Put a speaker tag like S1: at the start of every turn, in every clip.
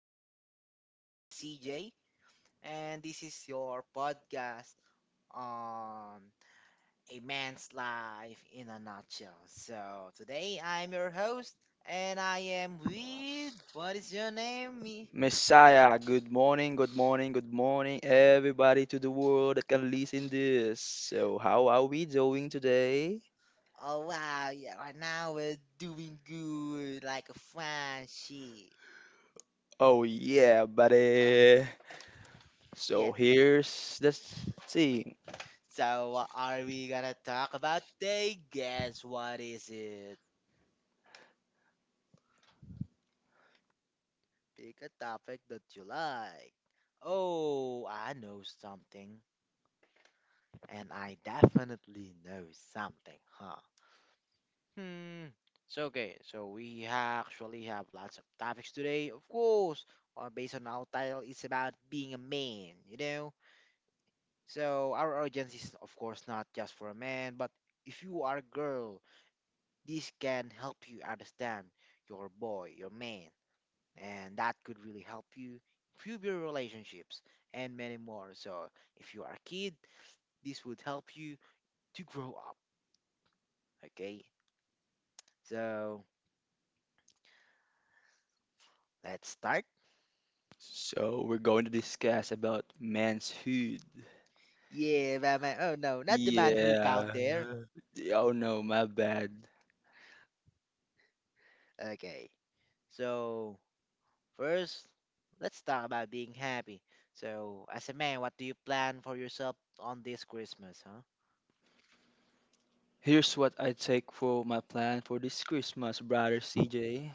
S1: and this again, this is CJ, and this is your podcast on a man's life in a nutshell. So today I'm your host, and I am with what is your name? Me?
S2: Messiah, good morning, good morning, good morning, everybody, to the world that can listen this. So, how are we doing today?
S1: Oh wow, yeah, right now we're doing good, like a fine shit.
S2: Oh yeah, buddy. So
S1: Yeah.
S2: here's the thing.
S1: So what are we gonna talk about today? Guess what is it? Pick a topic that you like. Oh, I know something, and I definitely know something, huh? Hmm. So okay, so we actually have lots of topics today, of course. One based on our title it's about being a man, So our audience is of course not just for a man, but if you are a girl, this can help you understand your boy, your man, and that could really help you improve your relationships and many more. So, if you are a kid, this would help you to grow up. Okay, so let's start.
S2: So we're going to discuss about man's hood.
S1: Yeah, Batman. Oh no, not the man who down there.
S2: Yeah. Oh no, my bad.
S1: Okay, so first, let's talk about being happy. So, as a man, what do you plan for yourself on this Christmas, huh?
S2: Here's what I take for my plan for this Christmas, brother CJ.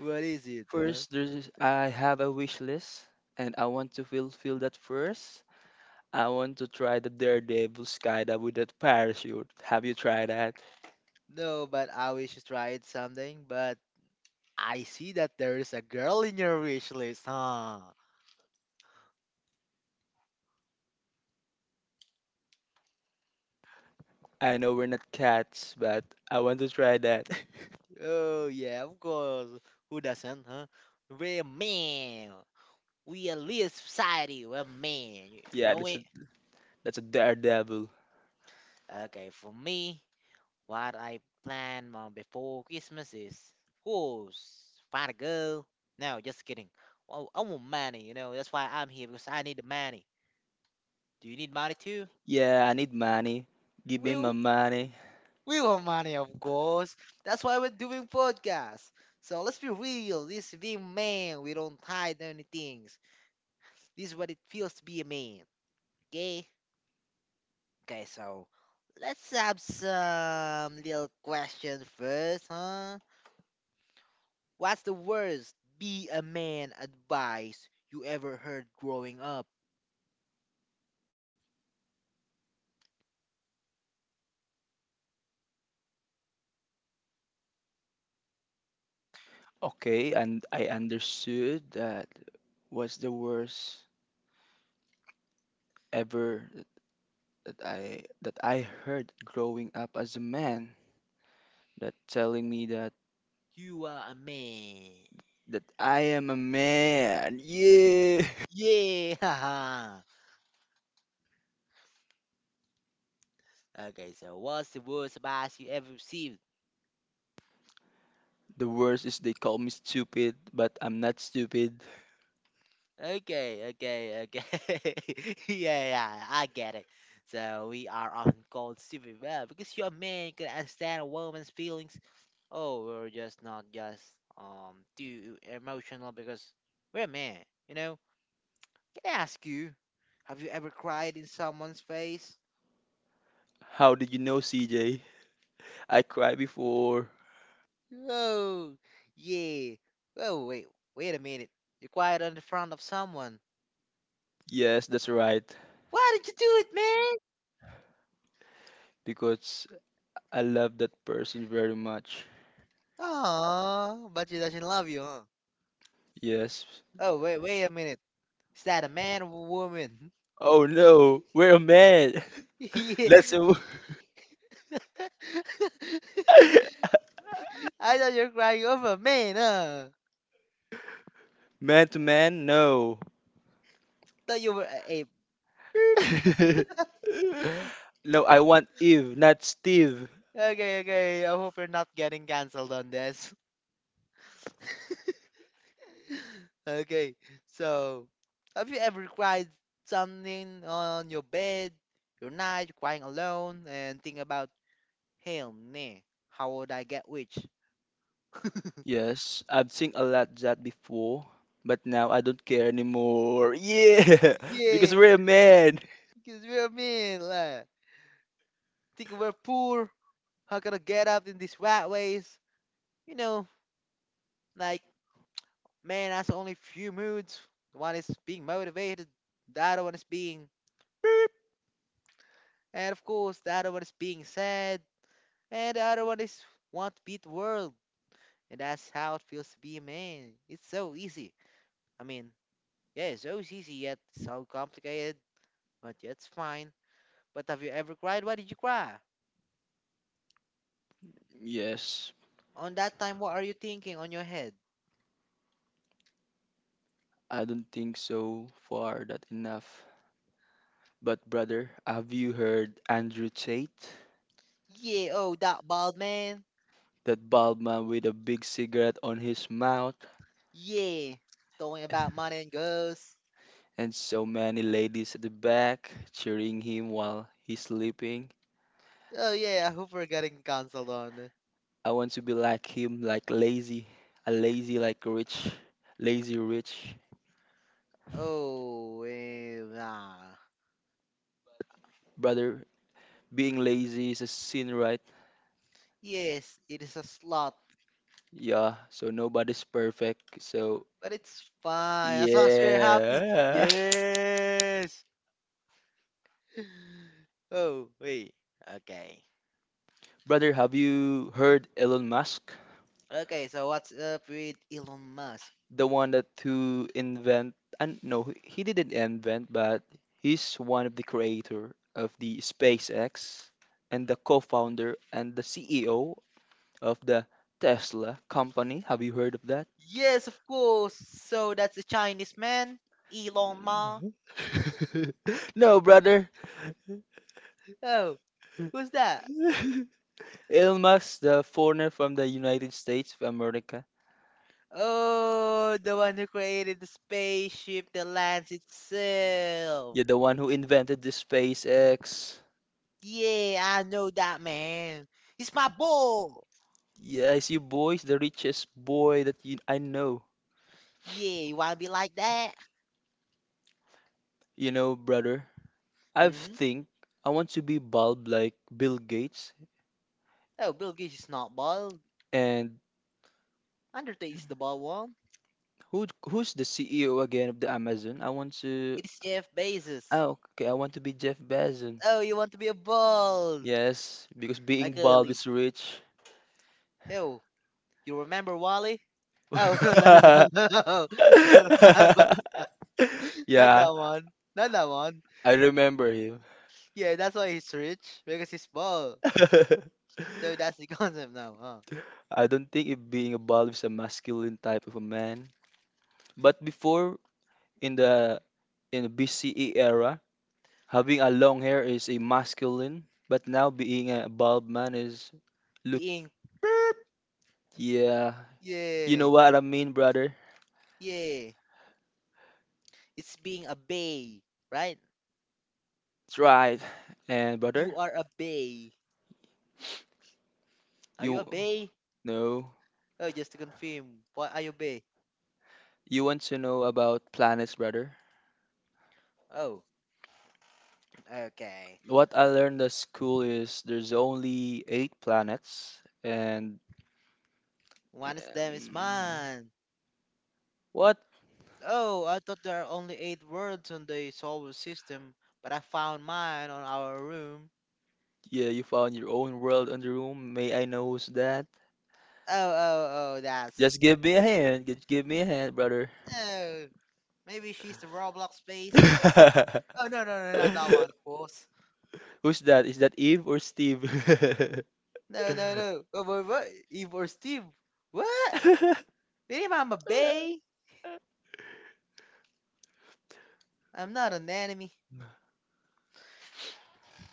S1: What is it, huh?
S2: First, there's I have a wish list, and I want to fulfill that first. I want to try the daredevil skydive with that parachute. Have you tried that?
S1: No, but I wish to try it someday. But I see that there is a girl in your wish list, huh?
S2: I know we're not cats, but I want to try that.
S1: Oh yeah, of course. Who doesn't, huh? We're men. We are lead society. We're men. You, you
S2: Yeah,
S1: know it.
S2: that's a daredevil.
S1: Okay, for me, what I plan on before Christmas is, of course, find a girl. No, just kidding. Well, I want money. You know that's why I'm here because I need the money. Do you need money too?
S2: Yeah, I need money. Give
S1: We
S2: me my money.
S1: We want money, of course. That's why we're doing podcasts. So let's be real. This being man, we don't hide any things. This is what it feels to be a man. Okay? Okay, so let's have some little questions first, huh? What's the worst be a man advice you ever heard growing up?
S2: Okay, and I understood that was the worst ever that I heard growing up as a man. That telling me that
S1: You are a man.
S2: that I am a man. Yeah.
S1: Yeah, haha. Okay, so what's the worst advice you ever received?
S2: The worst is they call me stupid, but I'm not stupid.
S1: Okay, okay, okay. Yeah, yeah, I get it. So we are often called stupid well, because you're a man, you can understand a woman's feelings. Oh, we're just not just too emotional because we're a man, you know? Can I ask you, have you ever cried in someone's face?
S2: How did you know, C J? I cried before.
S1: Oh, yeah. Oh, wait, wait a minute. You cried on the front of someone.
S2: Yes, that's right.
S1: Why did you do it, man?
S2: Because I love that person very much.
S1: Aww, but she doesn't love you, huh?
S2: Yes.
S1: Oh, wait, wait a minute. Is that a man or a woman?
S2: Oh no, we're a man.
S1: Yeah.
S2: Let's move.
S1: I thought you were crying over a man, huh?
S2: Man to man, no.
S1: Thought you were a ape.
S2: No, I want Eve, not Steve.
S1: Okay, okay. I hope you're not getting cancelled on this. Okay, so have you ever cried something on your bed? You're night, you're crying alone, and think about, hell nah, how would I get rich?
S2: Yes, I've seen a lot that before, but now I don't care anymore. Yeah, because
S1: Yeah,
S2: we're a man.
S1: because we're mean, like, think we're poor. How can I get up in these rat ways? You know, like, man, that's only few moods. One is being motivated, the other one is being and of course the other one is being sad, and the other one is want to beat the world. And that's how it feels to be a man. It's so easy. I mean, yeah, it's so easy yet so complicated, but yeah, it's fine. But have you ever cried? Why did you cry?
S2: Yes,
S1: On that time, what are you thinking on your head?
S2: I don't think so far that enough. But brother, have you heard Andrew Tate?
S1: Yeah, oh, that bald man.
S2: That bald man with a big cigarette on his mouth
S1: Yeah, talking about money and girls.
S2: and so many ladies at the back cheering him while he's sleeping.
S1: Oh yeah, I hope we're getting cancelled on.
S2: I want to be like him, like lazy, a lazy like rich, lazy rich.
S1: Oh, eh, nah.
S2: Brother, being lazy is a sin, right?
S1: Yes, it is a slot,
S2: Yeah, so nobody's perfect. So,
S1: but it's fine as long as we're happy.
S2: yeah.
S1: Yes. Oh, wait. Okay.
S2: Brother, have you heard Elon Musk?
S1: Okay, so what's up with Elon Musk?
S2: The one that who invent and no, he didn't invent, but he's one of the creator of the SpaceX and the co-founder and the CEO of the Tesla company. Have you heard of that?
S1: Yes, of course. So that's the Chinese man, Elon Musk.
S2: No. No, brother.
S1: Oh, who's that?
S2: Elon Musk, the foreigner from the United States of America.
S1: Oh, the one who created the spaceship that lands
S2: Yeah,
S1: itself.
S2: the one who invented the SpaceX.
S1: Yeah, I know that man. He's my bull.
S2: Yes, you boys, the richest boy that you, I know.
S1: Yeah, you wanna be like that?
S2: You know, brother, I
S1: Mm-hmm.
S2: think I want to be bald like Bill Gates.
S1: Oh, Bill Gates is not bald.
S2: And
S1: Undertaker is the bald one.
S2: who's the CEO again of the Amazon? I want to.
S1: It's Jeff Bezos.
S2: Oh, okay. I want to be Jeff Bezos.
S1: Oh, you want to be a bald?
S2: Yes, because being
S1: Like
S2: bald
S1: early.
S2: is rich.
S1: Yo, you remember Wally? Oh, no no no no no no, no, not not
S2: Yeah.
S1: that one not that one
S2: I remember him.
S1: yeah that's why he's rich because he's bald so that's the concept now huh
S2: I don't think it being a ball is a masculine type of a man. But before in the in the BCE era, having a long hair is a masculine. But now being a bald man is look
S1: being.
S2: yeah. You know
S1: Yeah.
S2: what I mean, brother?
S1: Yeah. It's being a bay, right?
S2: That's right. And brother,
S1: You are a bay. Are you
S2: you
S1: a bay?
S2: no.
S1: Oh, just to confirm. What are you bay?
S2: You want to know about planets, brother?
S1: Oh, okay.
S2: What I learned at school is there's only eight planets and
S1: One of them is
S2: Um,
S1: mine.
S2: what?
S1: Oh, I thought there are only eight words on the solar system, but I found mine on our room.
S2: Yeah, you found your own world on the room. May I know who's that?
S1: Oh, oh, oh,
S2: Just
S1: that's.
S2: give me a hand. Just give me a hand, brother.
S1: No. Maybe she's the Roblox face. Oh, no, no, no, not that one, of course.
S2: Who's that? Is that Eve or Steve?
S1: No, no, no. Oh, boy, what? Eve or Steve? What? Really, Mama Bay? I'm not an enemy.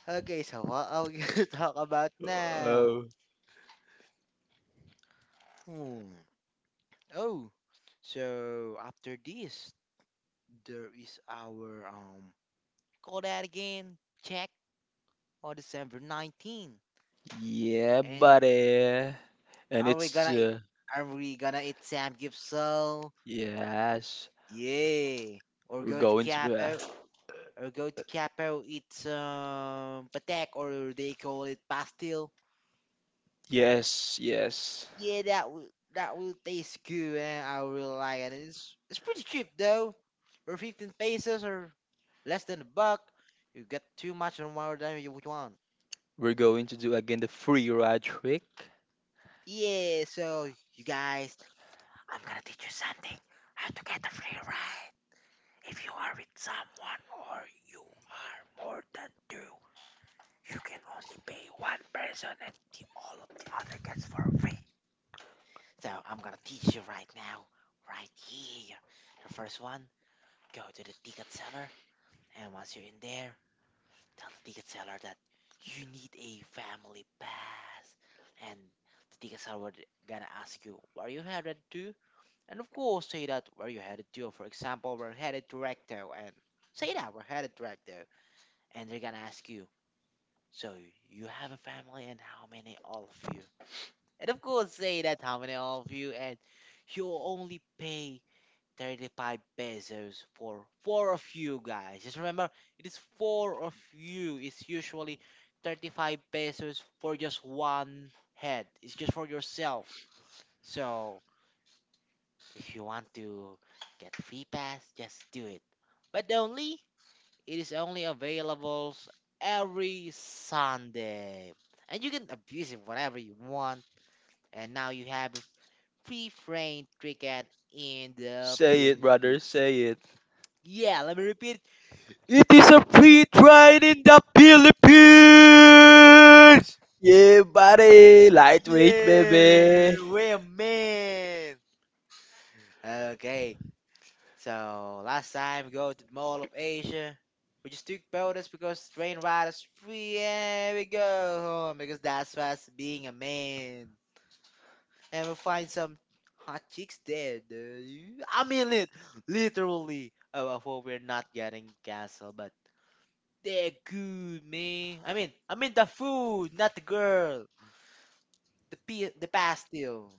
S1: Okay, so what are we gonna talk about now?
S2: Oh,
S1: Hmm. Oh, so after this, there is our Call that again. Check on December 19.
S2: yeah,
S1: And
S2: buddy. And
S1: are we
S2: it's
S1: gonna e, are we gonna eat Sam Gipsel?
S2: yes,
S1: Yeah. Or
S2: we're
S1: go to
S2: going to.
S1: Capo eat some patek or they call it pastel.
S2: Yes, yes.
S1: Yeah, that will taste good, and I will like it. And it's pretty cheap though, for 15 pesos or less than a buck. You get too much or more than you would want.
S2: We're going to do again the free ride trick.
S1: Yeah, so you guys, I'm gonna teach you something. How to get a free ride. If you are with someone or you are more than two, you can only pay one person and all of the other gets for free. So I'm gonna teach you right now, right here. The first one. Go to the ticket seller, and once you're in there, tell the ticket seller that you need a family pass. And the ticket seller would gonna ask you, where you headed to? And of course, say that where you headed to. For example, we're headed to Recto, and say that we're headed to Recto. And they're gonna ask you, so you have a family, and how many all of you? And of course, say that how many all of you, and you only pay 35 pesos for four of you guys. Just remember, it is four of you. It's usually 35 pesos for just one head. It's just for yourself. So, if you want to get free pass, just do it. But only it is only available every Sunday. And you can abuse it whatever you want. And now you have a free frame ticket in the
S2: Say it, brother,
S1: Philippines.
S2: say it.
S1: Yeah, let me repeat, it is a free train in the Philippines!
S2: Yeah, buddy, lightweight, baby.
S1: Yeah, we're men. Okay, so last time we go to the Mall of Asia. We just took bonus because train ride is free and we go home because that's us being a man. And we find some hot chicks there, dude. I mean it, literally. Oh, I hope we're not getting canceled, but. They're good, man. I mean the food, not the girl. The p the pastille.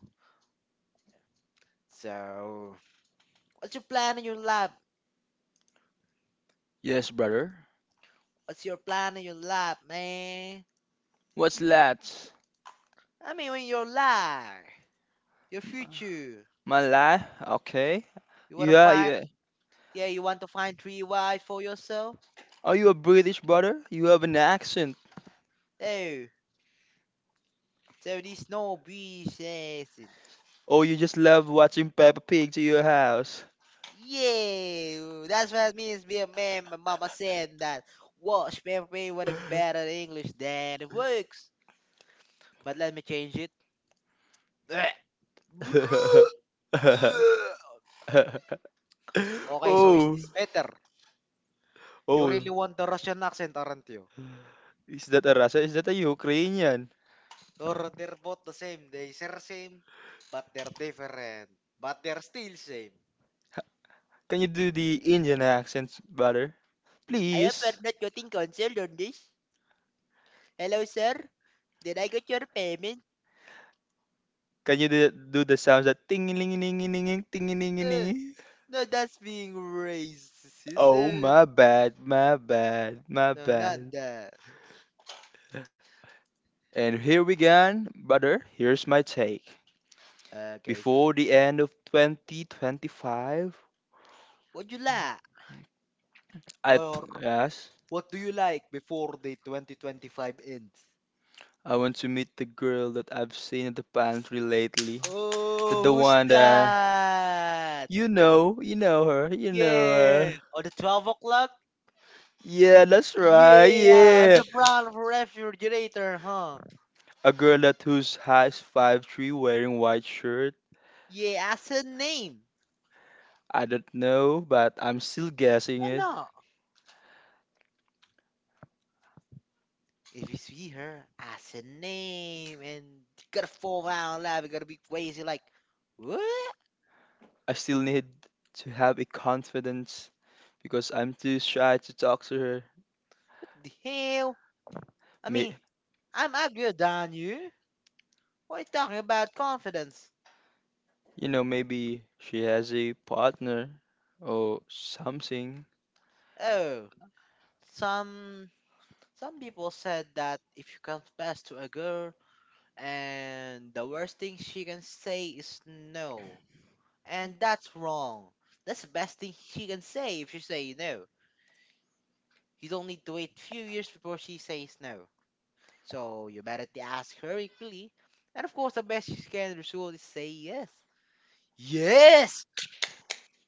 S1: So, what's your plan in your life?
S2: Yes, brother.
S1: What's your plan in your life, man?
S2: What's that?
S1: I mean, in your life, your future.
S2: Malay? Okay.
S1: You wanna
S2: Yeah,
S1: find,
S2: yeah.
S1: yeah, you want to find three wives for yourself.
S2: Are you a British brother? You have an accent,
S1: Oh, so this no business.
S2: or you just love watching Peppa Pig to your house?
S1: Yeah, that's what it means to be a man. My mama said that. Watch, man, would have been better in English than it works. But let me change it. Bleh. Okay, so is
S2: Oh,
S1: this better? You
S2: oh.
S1: really want the Russian accent, aren't you?
S2: Is that a Russia? Is that a Ukrainian?
S1: Or they're both the same. They are same, but they're different. But they're still same.
S2: Can you do the Indian accents better?
S1: I am
S2: Please.
S1: not getting cancelled on this. Hello, sir. Did I get your payment?
S2: Can you do the sounds that ting ling ling ling ling ting ling
S1: Uh,
S2: ling?
S1: no, that's being racist.
S2: Oh my bad, my bad, my
S1: No, not
S2: bad.
S1: that.
S2: And here we go, brother. Here's my take.
S1: Guys,
S2: Before the end of 2025,
S1: what you like? Or
S2: yes,
S1: what do you like before the 2025 ends?
S2: I want to meet the girl that I've seen at the pantry lately. The
S1: Oh, who's
S2: one that
S1: that?
S2: you know her, you know
S1: Yeah.
S2: her.
S1: Or the 12 o'clock?
S2: Yeah, that's right.
S1: Yeah,
S2: Yeah.
S1: the front refrigerator, huh?
S2: A girl that who's height 5'3" wearing white shirt.
S1: Yeah, as a name.
S2: I don't know, but I'm still guessing
S1: Why
S2: it.
S1: not? If you see her, as a name and you gotta fall down live, you gotta be crazy like what
S2: I still need to have a confidence because I'm too shy to talk to her.
S1: the hell? I mean,
S2: May
S1: I'm uglier than you. What are you talking about confidence?
S2: you know, maybe she has a partner or something.
S1: Oh, some some people said that if you confess to a girl and the worst thing she can say is no. And that's wrong. That's the best thing she can say if you say no. You don't need to wait few years before she says no. So you better to ask her equally. And of course, the best she can result is say yes. Yes!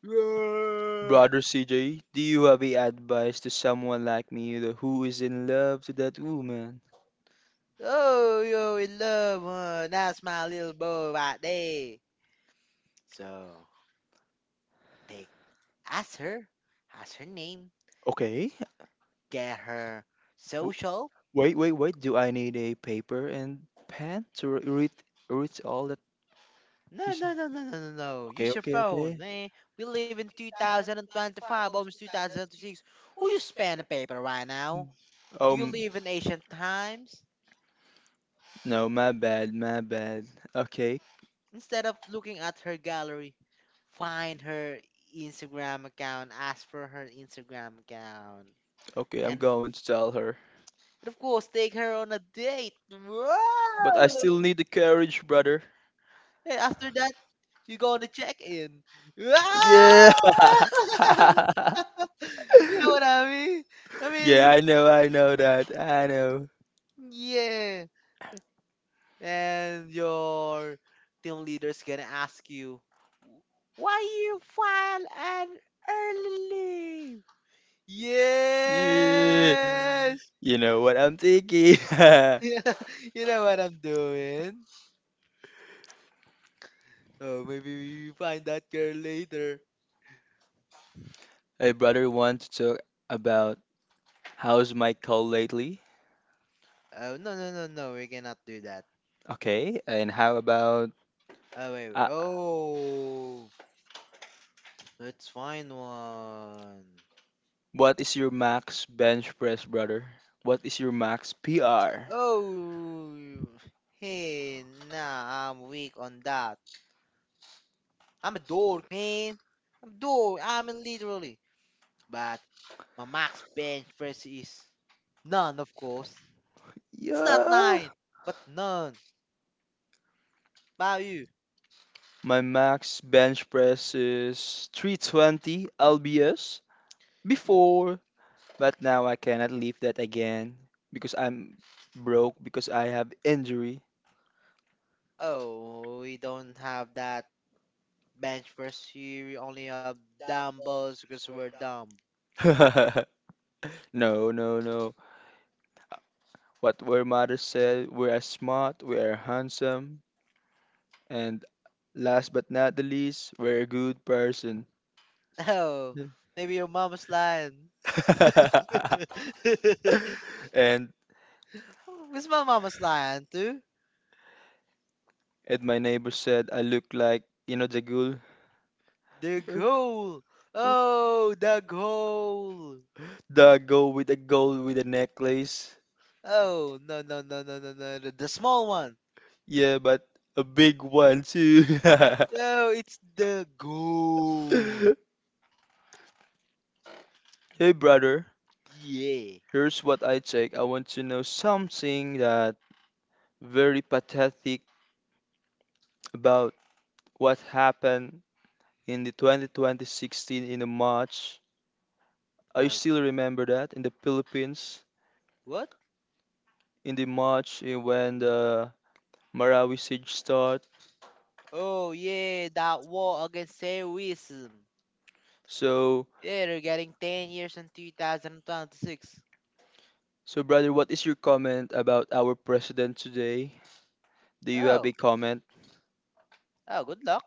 S2: Brother CJ, do you have any advice to someone like me the who is in love to that woman?
S1: Yeah! Oh, yo, in love, huh? That's my little boy right there. So, take, ask her, ask her name,
S2: Okay.
S1: get her
S2: W-
S1: social.
S2: Wait, wait, wait. Do I need a paper and pen to read read all that you
S1: No,
S2: said?
S1: no, no, no, no, no, no.
S2: Okay,
S1: Use your
S2: okay,
S1: phone,
S2: okay.
S1: man. We live in 2025, almost 2026. Who you span a paper right now?
S2: Mm.
S1: Do you
S2: Um,
S1: live in ancient times?
S2: no, my bad, my bad. Okay,
S1: Instead of looking at her gallery, find her Instagram account, ask for her Instagram account,
S2: okay, I'm
S1: and,
S2: going to tell her.
S1: and of course, take her on a date.
S2: But I
S1: Wow!
S2: still need the courage, brother.
S1: And after that, you go on the check in.
S2: Yeah.
S1: You know what I mean? I
S2: Yeah,
S1: mean,
S2: I know that. I know.
S1: Yeah. And your team leader's gonna ask you, why you file an early leave?
S2: Yeah.
S1: Yes!
S2: You know what I'm thinking.
S1: You know what I'm doing? Oh, maybe we find that girl later.
S2: Hey, brother, want to talk about how's my call lately?
S1: Oh, no, no, no, no, we cannot do that.
S2: Okay, and how about
S1: Oh, wait,
S2: uh,
S1: oh, let's find one.
S2: what is your max bench press, brother? What is your max PR?
S1: Oh, hey, nah, I'm weak on that. I'm a dork, man. I'm a dork. I'm a literally. But my max bench press is none, of course. It's not
S2: Yeah,
S1: nine, but none. How about you?
S2: my max bench press is 320 lbs
S1: Y-
S2: before, but now I cannot lift that again because I'm broke because I have injury.
S1: Oh, we don't have that bench press here. We only have dumbbells because we're dumb.
S2: No, no, no. What were mothers said, we are smart, we are handsome, and last but not the least, we're a good person.
S1: Oh, maybe your mama's lying. Where's
S2: and
S1: my mama's lying too?
S2: and my neighbor said I look like you know the ghoul.
S1: The goal. Oh, the goal.
S2: The girl with the gold with the necklace.
S1: Oh, no, no, no, no, no, no. The small one.
S2: Yeah, but a big one too.
S1: No, it's the goal.
S2: Hey brother,
S1: Yeah.
S2: here's what I take. I want to know something that very pathetic about what happened in the 2020-16 in the March. I
S1: Uh,
S2: still remember that in the Philippines
S1: what?
S2: in the March when the Marawi siege start.
S1: Oh, yeah, that war against terrorism.
S2: So
S1: Yeah, they're getting 10 years in 2026.
S2: so brother, what is your comment about our president today? Do you have
S1: Oh,
S2: a comment?
S1: oh, good luck.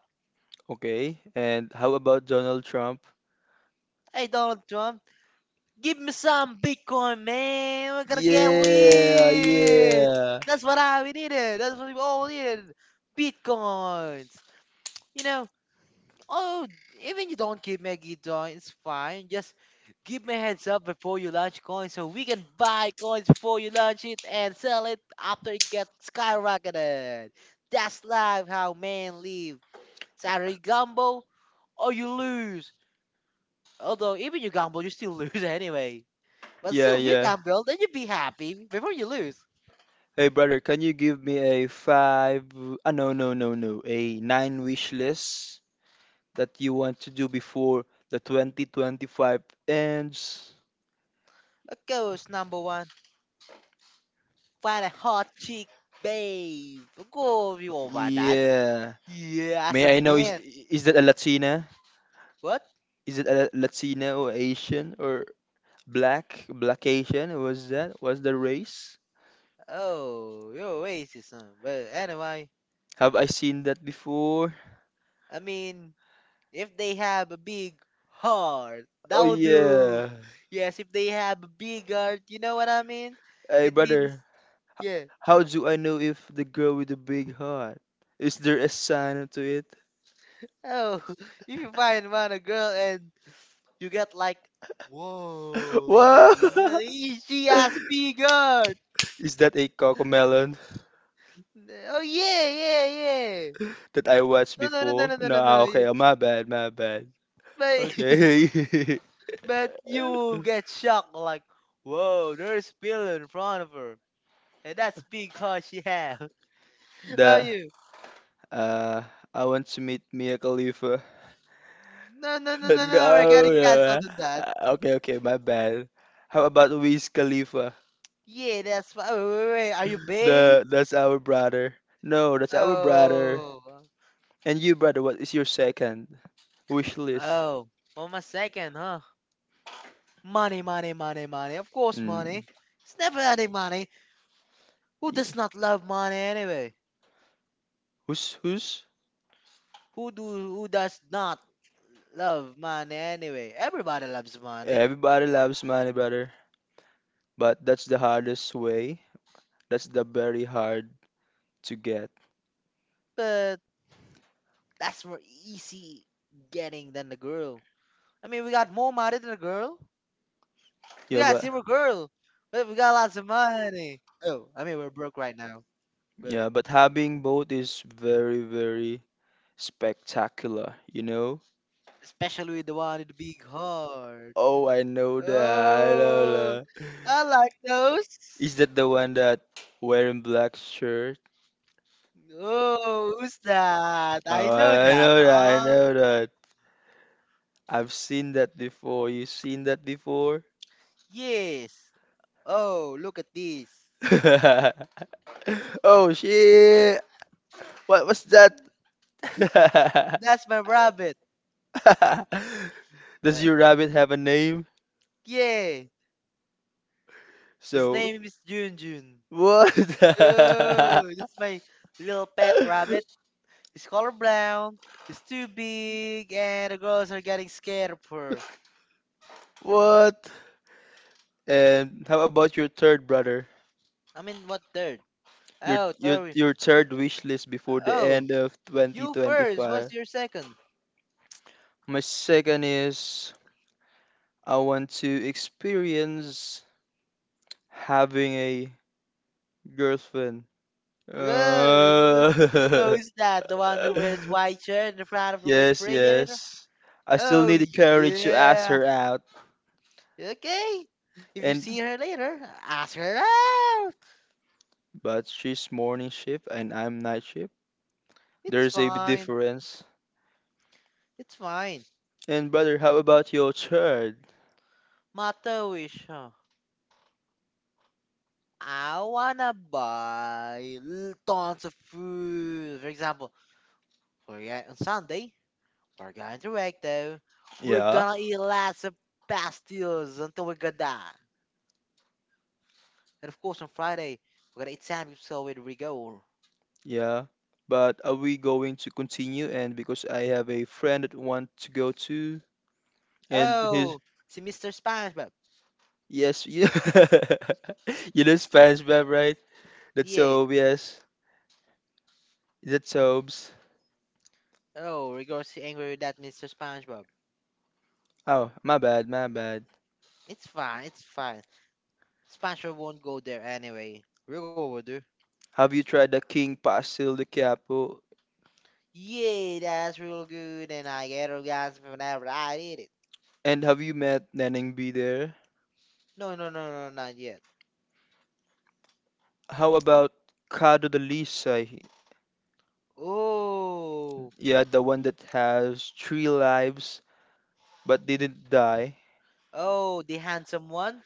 S2: Okay. And how about Donald Trump?
S1: Hey, Donald Trump, give me some Bitcoin, man. We're gonna get
S2: Yeah,
S1: rich.
S2: yeah.
S1: That's what I we needed. That's what we all needed. Bitcoins. You know, oh, even you don't give me a guitar, it's fine. Just give me a heads up before you launch coins so we can buy coins before you launch it and sell it after it gets skyrocketed. That's life how men live. It's either you gamble or you lose. Although, even you gamble, you still lose anyway. But
S2: Yeah,
S1: still, you
S2: yeah.
S1: gamble, then you be happy before you lose.
S2: Hey brother, can you give me a five? Ah no no no no, a nine wish list that you want to do before the 2025 ends?
S1: Of course, number one, find a hot chick, babe. Of course, you all want that.
S2: Yeah.
S1: Yeah, as a
S2: May I know is
S1: man.
S2: is that a Latina?
S1: What?
S2: Is it a Latina or Asian or black? Black Asian? Was that? Was the race?
S1: Oh, you're racist, huh? But anyway,
S2: Have I seen that before?
S1: I mean, if they have a big heart, that
S2: Oh
S1: will do.
S2: yeah.
S1: Yes, if they have a big heart, you know what I mean?
S2: Hey
S1: It means,
S2: brother,
S1: yeah.
S2: how do I know if the girl with the big heart? Is there a sign to it?
S1: Oh, if you find one a girl and you get like, whoa,
S2: Wow!
S1: she has a big heart.
S2: Is that a cocomelon
S1: Oh yeah, yeah, yeah.
S2: that I watched? No, no,
S1: No,
S2: no,
S1: no, no, no,
S2: before? No,
S1: no, no,
S2: no, no, no, no,
S1: no, no,
S2: ah, no.
S1: no.
S2: Okay, oh, my bad, my bad.
S1: But
S2: Okay.
S1: but you
S2: But
S1: get shocked like, whoa, there's Bill in front of her. And that's because she have. About
S2: The
S1: you.
S2: uh, I want to meet Mia Khalifa. No,
S1: No, no, no,
S2: no,
S1: no, no,
S2: no, no, no,
S1: no. We're
S2: no,
S1: getting
S2: no.
S1: canceled
S2: No.
S1: on that.
S2: Ah, okay, okay, my bad. How about Wiz Khalifa?
S1: Yeah,
S2: Yeah.
S1: that's why. Wait, wait, wait. Are you bae?
S2: The That's our brother. No, that's our brother.
S1: Oh.
S2: And you, brother, what is your second wish list? Oh.
S1: Oh. One more second, huh? Money, money, money, money. Of course,
S2: Hmm.
S1: money. It's never ending money. Who does not love money anyway?
S2: Who's?
S1: Who does not love money anyway? Everybody loves money,
S2: Everybody loves money, brother. But that's the hardest way. That's the very hard to get.
S1: but that's more easy getting than the girl. I mean, we got more money than the girl. We
S2: Yeah,
S1: got Silver
S2: but
S1: Girl. We got lots of money. Oh, I mean we're broke right now, but
S2: having both is very, very spectacular, you know?
S1: especially with the one with the big heart.
S2: Oh, I know that. I know
S1: Oh,
S2: that.
S1: I like those.
S2: Is that the one that wearing black shirt?
S1: Oh, who's that? I
S2: Oh,
S1: know
S2: I
S1: that.
S2: know that. I
S1: Huh?
S2: know that. I've seen that before. You seen that before?
S1: Yes. Oh, look at this.
S2: Oh shit! What was that?
S1: That's my rabbit. Uh,
S2: Does your rabbit have a name?
S1: yeah. His
S2: So
S1: name is Junjun.
S2: what?
S1: Oh, this is my little pet rabbit. She's color brown, she's too big, and the girls are getting scared of her.
S2: What? And how about your third brother?
S1: I mean, what third?
S2: Your
S1: Oh,
S2: your
S1: third.
S2: your third wish list before the
S1: Oh,
S2: end of
S1: you first. What's
S2: 2025.
S1: your second?
S2: My second is I want to experience having a girlfriend.
S1: Whoa,
S2: Uh,
S1: oh, is that the one who wears white shirt in front of a
S2: yes,
S1: refrigerator?
S2: yes. I still
S1: Oh,
S2: need the courage to ask
S1: yeah.
S2: her out.
S1: Okay. If you
S2: And
S1: see her later, ask her out.
S2: But she's morning shift and I'm night shift.
S1: It's
S2: There's a big
S1: fine.
S2: difference.
S1: It's fine.
S2: And brother, how about your child?
S1: Matawish, I wanna buy tons of food. For example, we're on Sunday, we're going to Recto. We're
S2: Yeah,
S1: gonna eat lots of pastilles until we get die. And of course, on Friday, we're gonna eat sandwich so with Rigor.
S2: yeah. But are we going to continue? And because I have a friend that want to go to, and his
S1: Oh, see Mr. SpongeBob.
S2: yes, yeah. You know Spanish, web, right? That's
S1: Yeah.
S2: so yes. That's sobs.
S1: Oh, Rigor's angry with that Mr. SpongeBob.
S2: Oh, my bad, my bad.
S1: It's fine, it's fine. SpongeBob won't go there anyway. Rigor will do.
S2: Have you tried the King Pastel de Capo?
S1: Yeah, that's real good, and I get orgasm whenever I eat it.
S2: And have you met Neneng B there?
S1: No, no, no, no, not yet.
S2: How about Cado de Lisa?
S1: Oh,
S2: Yeah, the one that has three lives but didn't die.
S1: oh, the handsome one.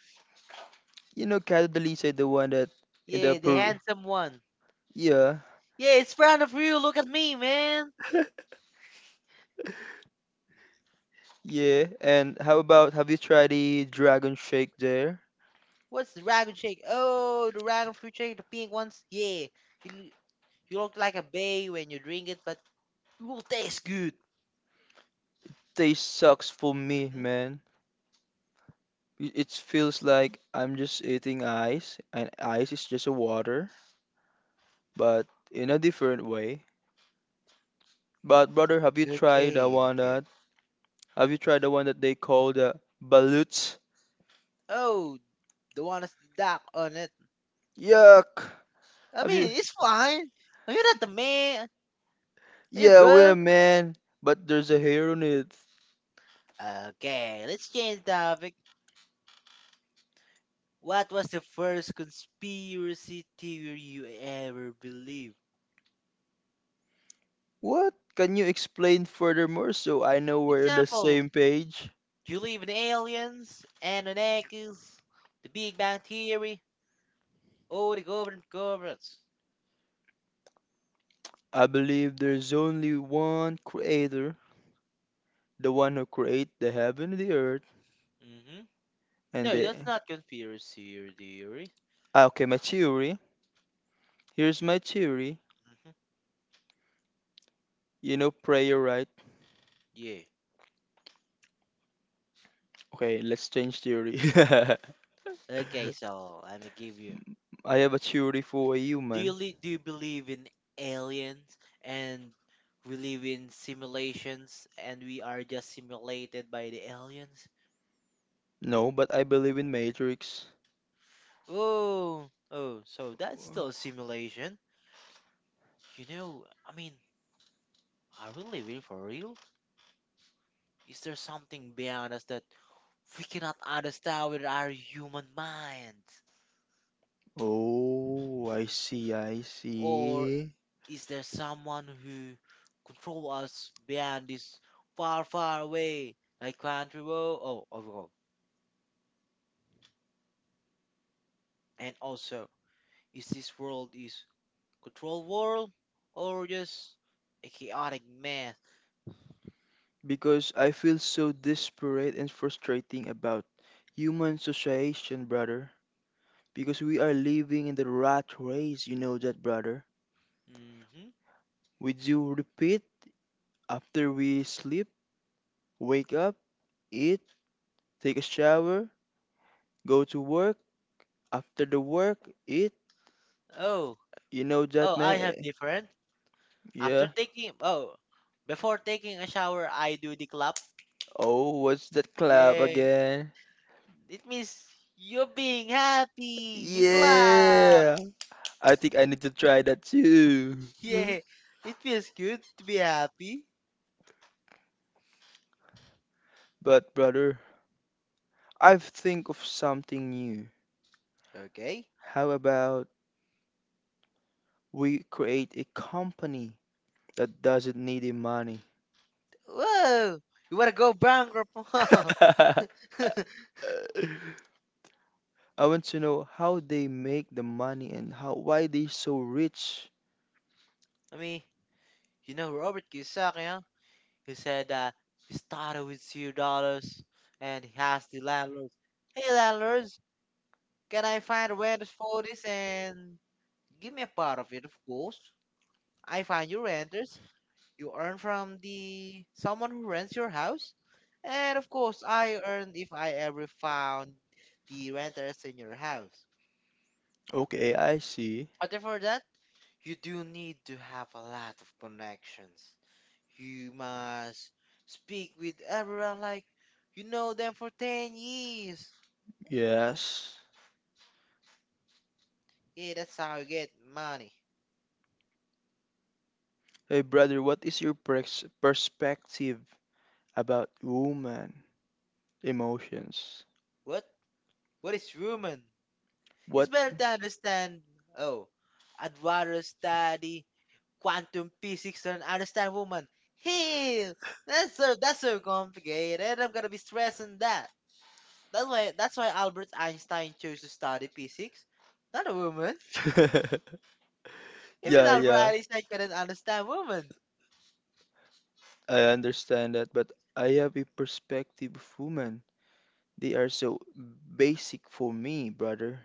S2: You know Cado de Lisa, the one that in
S1: Yeah,
S2: the
S1: the
S2: pro.
S1: handsome one.
S2: Yeah,
S1: Yeah, it's front of you. Look at me, man.
S2: yeah. And how about have you tried the Dragon Shake there?
S1: What's the dragon shake? Oh, the dragon fruit shake, the pink ones. Yeah, you, l- you look like a bae when you drink it, but it will taste good.
S2: Taste sucks for me,
S1: Hmm.
S2: man. It feels like I'm just eating ice, and ice is just a water, but in a different way. But brother, have you tried the
S1: Okay,
S2: one
S1: okay.
S2: that they call the balut?
S1: Oh, the one is the dark on it.
S2: Yuck!
S1: I
S2: Have you?
S1: mean, it's fine. Are you not the man? Are you a
S2: Yeah,
S1: girl?
S2: well, man. But there's a hair on it.
S1: Okay, let's change topic. What was the first conspiracy theory you ever believed?
S2: What? Can you explain furthermore so I know
S1: For
S2: we're on the
S1: example,
S2: same page?
S1: do you believe in aliens, Anunnakis, the Big Bang Theory, or the governments?
S2: I believe there's only one creator, the one who created the heaven and the earth,
S1: Mm-hmm.
S2: and
S1: No,
S2: the.
S1: that's not conspiracy or theory.
S2: Ah, okay, my theory. Here's my theory.
S1: Mm-hmm.
S2: You know prayer, right?
S1: Yeah.
S2: Okay, let's change theory.
S1: Okay, so let me give you.
S2: You. I have a theory for you, Do man.
S1: Do you believe in aliens and we live in simulations and we are just simulated by the aliens?
S2: No, but I believe in Matrix.
S1: Oh, oh, so that's still a simulation. You know, I mean, are we living for real? Is there something beyond us that we cannot understand with our human minds?
S2: Oh, I see, I Oh,
S1: Or
S2: see.
S1: is there someone who control us beyond this far, far away, like country world? Oh, oh, oh. And also, is this world is control world or just a chaotic mess?
S2: Because I feel so desperate and frustrating about human association, brother. Because we are living in the rat race, you know that, brother.
S1: Mm-hmm.
S2: We do repeat after we sleep, wake up, eat, take a shower, go to work, after the work, eat,
S1: Oh,
S2: you know
S1: oh,
S2: that
S1: I
S2: man?
S1: have different. After
S2: Yeah.
S1: taking oh, before taking a shower, I do the clap.
S2: Oh, what's that clap
S1: Yeah,
S2: again?
S1: it means you're being happy. You clap.
S2: Yeah. I think I need to try that too.
S1: Yeah, it feels good to be happy.
S2: But brother, I've think of something new.
S1: Okay.
S2: How about we create a company that doesn't need any money?
S1: Whoa, you wanna go bankrupt? I
S2: I want to know how they make the money and how why they so rich.
S1: mean, you know Robert Kiyosaki, huh? He said that he started with $0, and he asked the landlord, "Hey landlords, can I find rent for this and give me a part of it, of course?" I find you renters, you earn from the someone who rents your house, and of course I earned if I ever found the renters in your house.
S2: Okay, I see.
S1: But for that, you do need to have a lot of connections. You must speak with everyone like you know them for 10 years.
S2: Yes.
S1: Yeah, that's how you get money.
S2: Hey brother, what is your perspective about woman emotions?
S1: What? What is rumor?
S2: It's
S1: It's
S2: What?
S1: better to
S2: It's
S1: understand. Oh, I'd rather study quantum physics than understand woman. Hey, that's so complicated. I'm gonna be stressing that. That's why Albert Einstein chose to study physics, not a woman. Even
S2: yeah,
S1: Albert
S2: yeah,
S1: Einstein couldn't understand woman.
S2: I understand that, but I have a perspective of women. They are so basic for me, brother,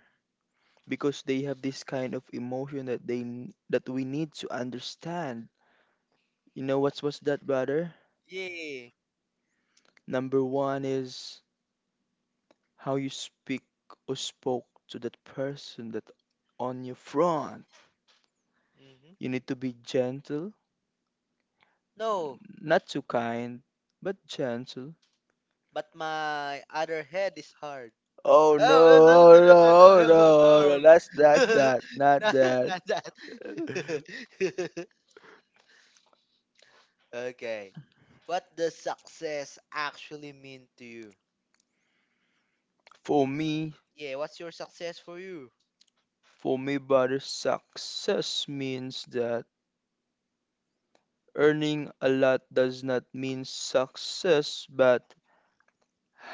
S2: because they have this kind of emotion that that we need to understand. You know what's that, brother?
S1: Yeah.
S2: Number one is how you speak or spoke to that person that on your front.
S1: Hmm.
S2: You need to be gentle,
S1: No,
S2: not too kind, but gentle.
S1: but my other head is hard.
S2: Oh no,
S1: Oh no no no
S2: oh
S1: no
S2: no,
S1: no
S2: oh
S1: no no
S2: no,
S1: no.
S2: no, that's that, not
S1: Not, not
S2: that.
S1: that. Okay. What does success actually mean to you?
S2: For me,
S1: Yeah, what's your success for you?
S2: for me, brother, success means that earning a lot does not mean success, but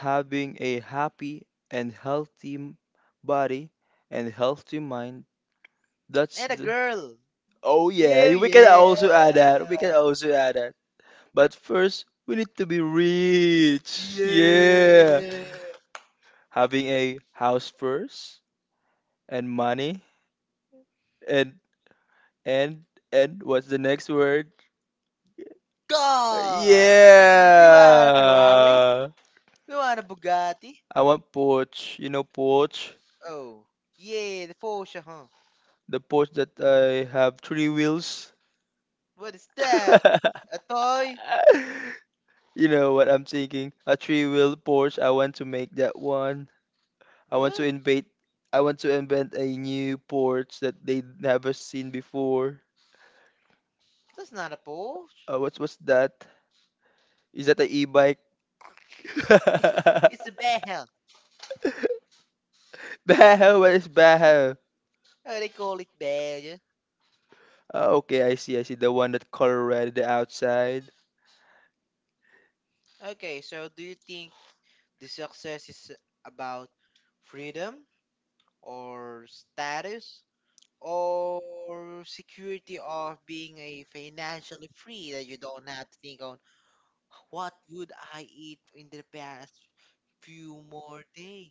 S2: having a happy and healthy body and healthy mind, that's
S1: And a
S2: And a the girl.
S1: girl.
S2: Oh yeah,
S1: Yeah,
S2: we can
S1: yeah.
S2: also add that. We can, yeah, also add that. But first, we need to be rich.
S1: Yeah.
S2: Yeah. Yeah. Having a house first and money and and and what's the next word? Yeah, girl.
S1: God. We want a Ferrari.
S2: Yeah.
S1: We want a Bugatti.
S2: I want porch. You know porch?
S1: Oh. Yeah, the Porsche, huh?
S2: The porch that I have three wheels.
S1: What
S2: What
S1: is
S2: is
S1: that?
S2: that?
S1: A
S2: A
S1: toy?
S2: toy? You know what I'm thinking? A three-wheel Porsche. I want to make that one. I want
S1: What?
S2: to invent. I want to invent a new Porsche that they never seen before.
S1: That's not a Porsche.
S2: What's that? Is that a e-bike?
S1: It's a
S2: It's a
S1: bell.
S2: behel. Baho. What is Baho?
S1: Oh, they call it bell, yeah?
S2: Okay, I see. I see the one that color red the outside.
S1: Okay, so do you think the success is about freedom or status or security of being a financially free that you don't have to think on what would I eat in the past few more days?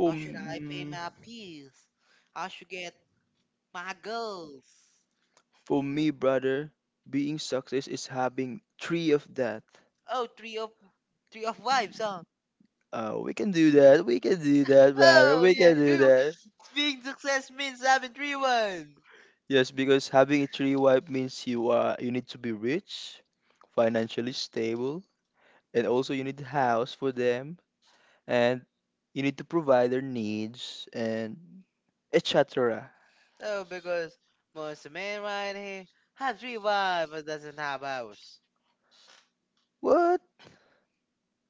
S1: How should
S2: Should
S1: I
S2: I pay
S1: pay
S2: my
S1: my bills?
S2: bills?
S1: How should get my girls?
S2: For me, brother, being success is having three of that.
S1: Oh, three of wives, huh?
S2: Oh, we can do that. We can do that, brother.
S1: Oh
S2: We
S1: yeah,
S2: can do
S1: true.
S2: that.
S1: Being success means having three ones.
S2: Yes, because having a three wife means you need to be rich, financially stable, and also you need a house for them, and you need to provide their needs and et cetera.
S1: Oh, because most men right here had three wives but doesn't have house.
S2: What?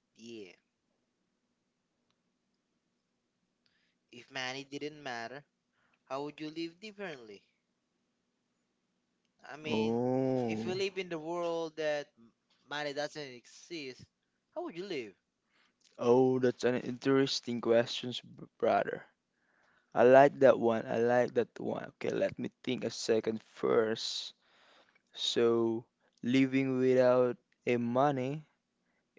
S1: Yeah. If money didn't matter, how would you live differently? I mean, if you live in the
S2: Oh,
S1: world that money doesn't exist, how would you live?
S2: oh, that's an interesting question, brother. I like that one. I like that one. Okay, let me think a second first. So living without a money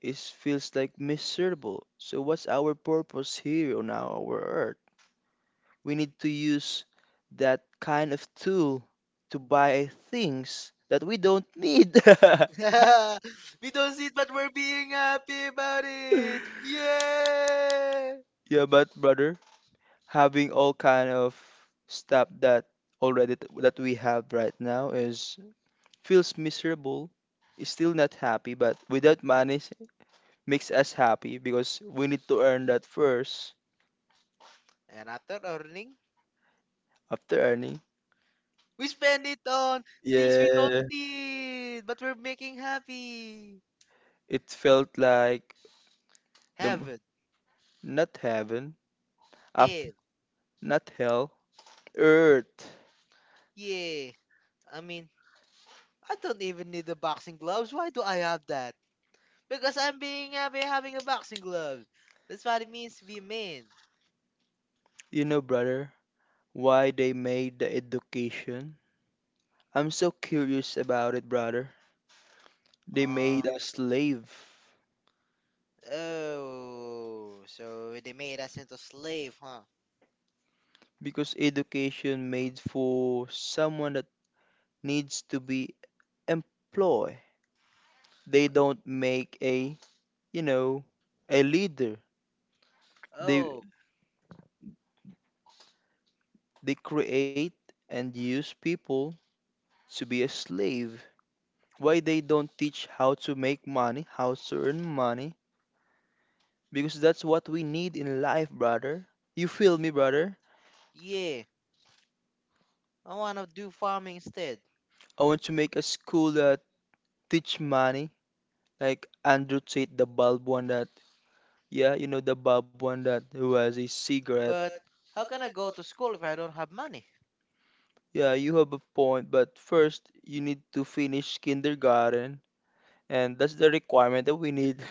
S2: is feels like miserable. So what's our purpose here on our earth? We need to use that kind of tool to buy things that we don't need. we
S1: We don't see it, but we're being happy about it. Yeah.
S2: Yeah, but brother, having all kind of stuff that already that we have right now is feels miserable, is still not happy, but without money makes us happy because we need to earn that first
S1: And after earning,
S2: after earning.
S1: we spend it on things we don't
S2: Yeah,
S1: need, but we're making happy.
S2: it felt like the
S1: Heaven,
S2: not heaven,
S1: hell,
S2: after not hell, earth.
S1: yeah. I mean, I don't even need the boxing gloves. Why do I have that? Because I'm being happy having a boxing glove. That's what it means to be a man.
S2: You know, brother, why they made the education? I'm so curious about it, brother. They
S1: Uh,
S2: made a slave
S1: oh, so they made us into slave, huh?
S2: because education made for someone that needs to be employed. They don't make a you know a leader. they
S1: Oh,
S2: they create and use people to be a slave. Why they don't teach how to make money, how to earn money? Because that's what we need in life, brother. You feel me, brother?
S1: yeah. I wanna do farming instead.
S2: I want to make a school that teach money, like Andrew Tate, the bulb one that, yeah, you know, the bulb one that who has a cigarette.
S1: But how can I go to school if I don't have money?
S2: Yeah, you have a point, but first you need to finish kindergarten. And that's the requirement that we need.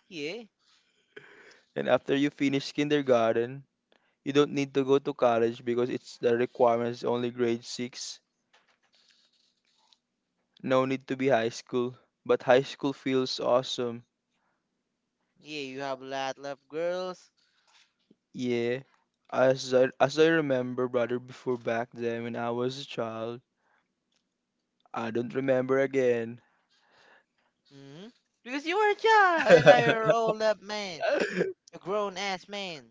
S1: Yeah,
S2: And after you finish kindergarten, you don't need to go to college because it's the requirements only grade 6. No need to be high school. But high school feels awesome.
S1: yeah. You have a lot left, girls.
S2: Yeah. As I remember, brother, before back then when I was a child, I don't remember again.
S1: Hmm. Because you were a child and now you're an old up man, a grown ass man.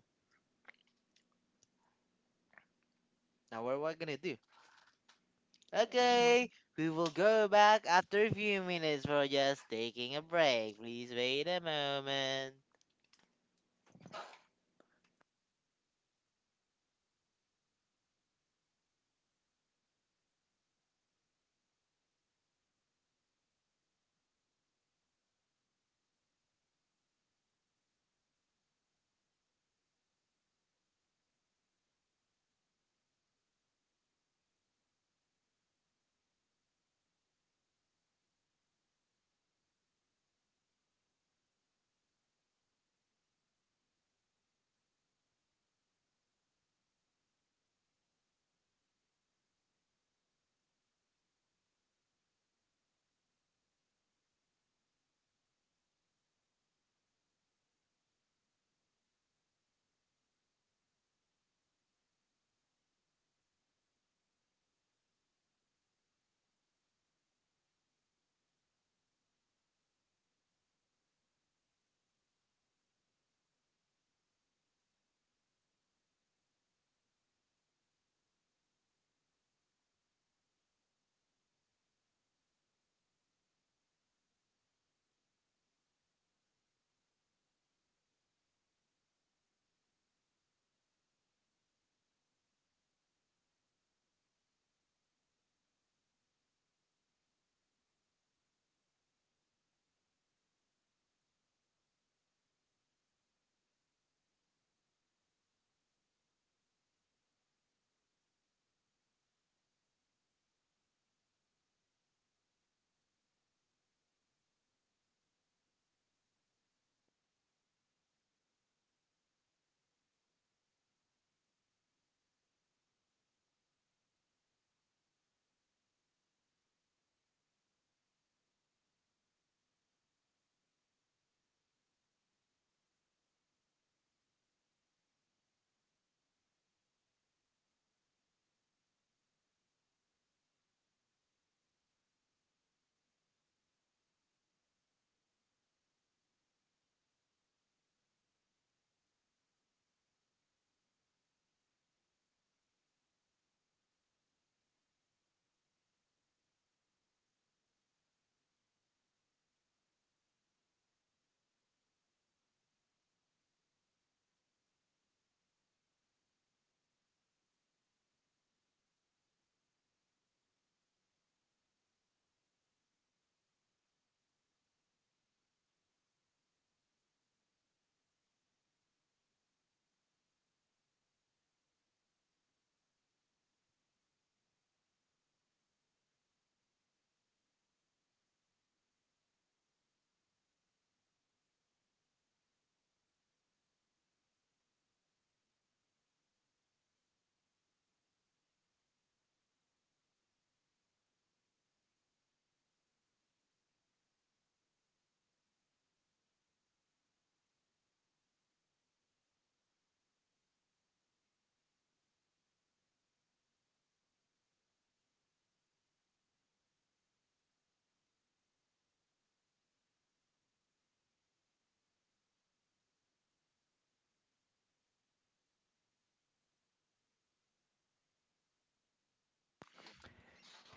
S1: Now what am I gonna do? Okay, we will go back after a few minutes. We're just taking a break. Please wait a moment.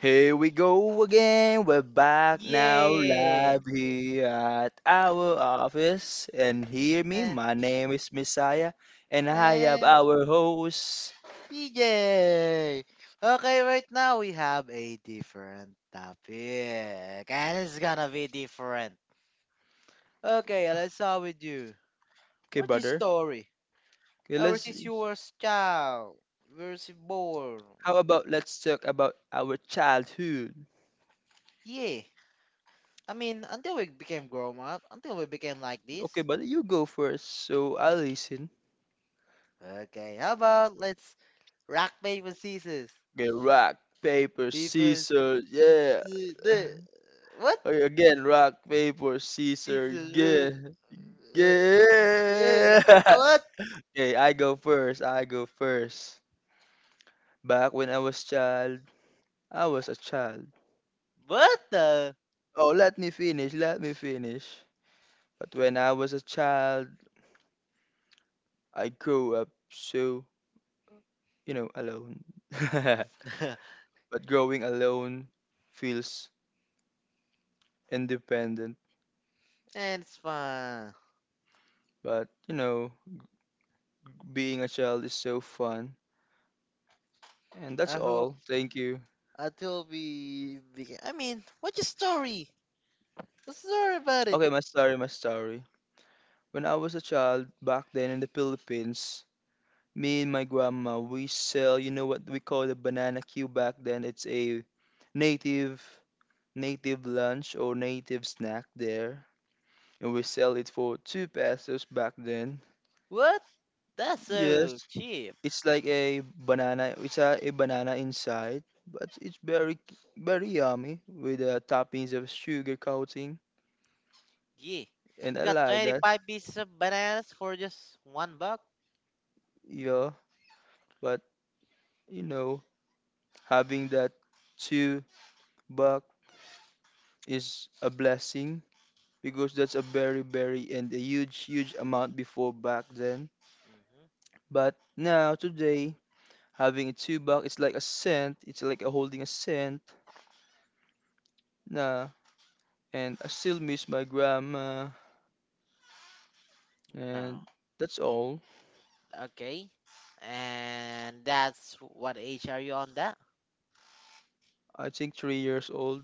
S2: Here we go again. We're back now,
S1: Yeah.
S2: live here at our office. And hear me,
S1: Eh,
S2: my name is Messiah, and I
S1: eh,
S2: have our host.
S1: CJ. Okay, right now we have a different topic. And it's gonna be different. Okay, let's start with you.
S2: Okay,
S1: What's your
S2: brother.
S1: story?
S2: Okay,
S1: Ever
S2: let's.
S1: since you were a child, versus born.
S2: How about let's talk about our childhood?
S1: Yeah. I mean, until we became grown up, until we became like this.
S2: Okay, brother, you go first, so I'll listen.
S1: Okay, how about let's rock paper scissors?
S2: Okay, rock, paper,
S1: People,
S2: scissors, yeah.
S1: the what
S2: Okay, again, rock, paper, scissors,
S1: scissors?
S2: yeah.
S1: Uh, uh, yeah.
S2: Yeah.
S1: What?
S2: Okay, I go first. I go first. Back when I was child, I was a child.
S1: What the?
S2: Oh, let me finish. Let me finish. But when I was a child, I grew up so, alone. But growing alone feels independent.
S1: and it's fun.
S2: But, being a child is so fun. And
S1: I
S2: that's
S1: hope
S2: all. Thank you.
S1: until we begin. I mean, what's your story? What's the story about it?
S2: Okay, my story, my story. When I was a child back then in the Philippines, me and my grandma, we sell, you know what we call the banana cue back then? It's a native native lunch or native snack there. And we sell it for 2 pesos back then.
S1: What? That's so
S2: Yes.
S1: cheap.
S2: It's like a banana, it's a banana inside, but it's very very yummy with toppings of sugar coating,
S1: Yeah. You
S2: and I
S1: got
S2: like that.
S1: 25 pieces of bananas for just one buck?
S2: Yeah, but you know, having that 2 buck is a blessing because that's a very, very and a huge, huge amount before back then.
S1: Hmm.
S2: But now, today, having a 2 buck, it's like a cent. It's like a holding a cent. Nah, and I still miss my grandma.
S1: No.
S2: And that's all.
S1: Okay. And that's what age are you on that?
S2: I think 3 years old.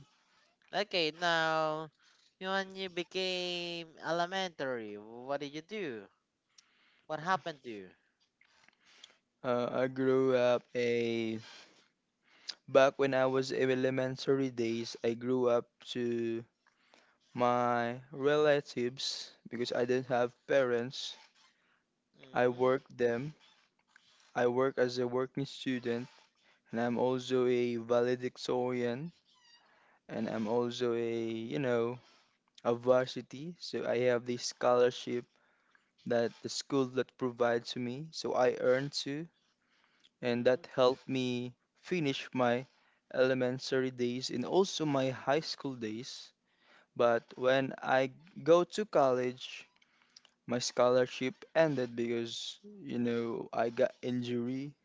S1: Okay, now when you became elementary, what did you do? What happened to you?
S2: I grew up a back when I was in elementary days. I grew up to my relatives because I didn't have parents. I
S1: Mm-hmm.
S2: worked them. I work as a working student, and I'm also a valedictorian, and I'm also a a varsity. So I have this scholarship that the school that provides to me. So I earn too, and
S1: Mm-hmm.
S2: that helped me finish my elementary days and also my high school days. But when I go to college, my scholarship ended because I got injury,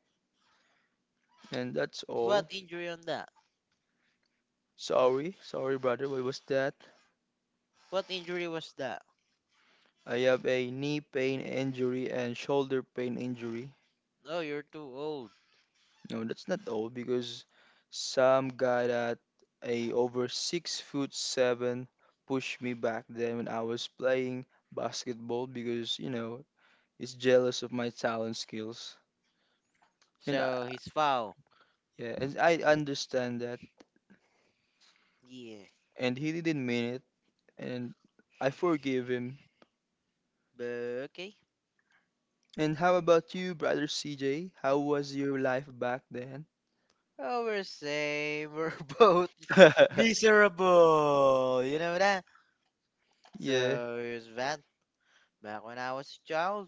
S2: and that's
S1: What
S2: all.
S1: injury on that?
S2: Sorry, sorry, brother. What was that?
S1: What injury was that?
S2: I have a knee pain injury and shoulder pain injury.
S1: Oh, you're too old.
S2: No, that's not all because some guy that a over six foot seven pushed me back then when I was playing basketball because he's jealous of my talent skills. And I,
S1: So he's foul.
S2: yeah, and I understand that,
S1: Yeah.
S2: and he didn't mean it, and I forgive him.
S1: But okay.
S2: And how about you, brother CJ? How was your life back then?
S1: Oh, we're same. We're both miserable. You know that?
S2: Yeah.
S1: So here's that. Back when I was a child,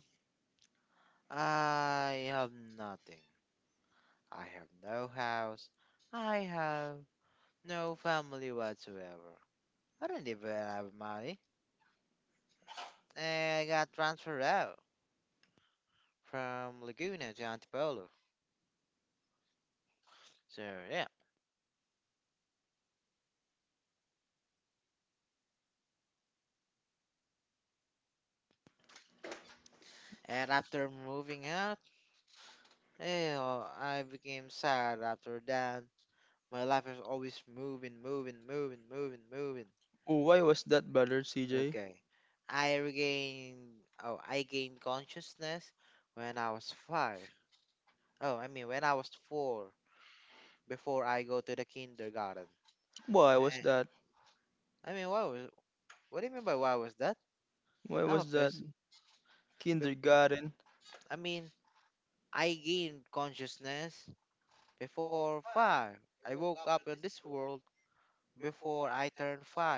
S1: I have nothing. I have no house. I have no family whatsoever. I don't even have money. And I got transferred out from Laguna to Antipolo. So yeah. And after moving out, oh, I became sad after that. My life is always moving, moving, moving, moving, moving.
S2: Oh, why was that bothered, CJ?
S1: Okay. I gained consciousness when I was five. When I was four, before I go to the kindergarten.
S2: Why was
S1: Eh,
S2: that?
S1: why was? What do you mean by why was that?
S2: Why
S1: I'm a
S2: was that?
S1: person.
S2: Kindergarten.
S1: I mean, I gained consciousness before five. I woke up in this world before I turned five,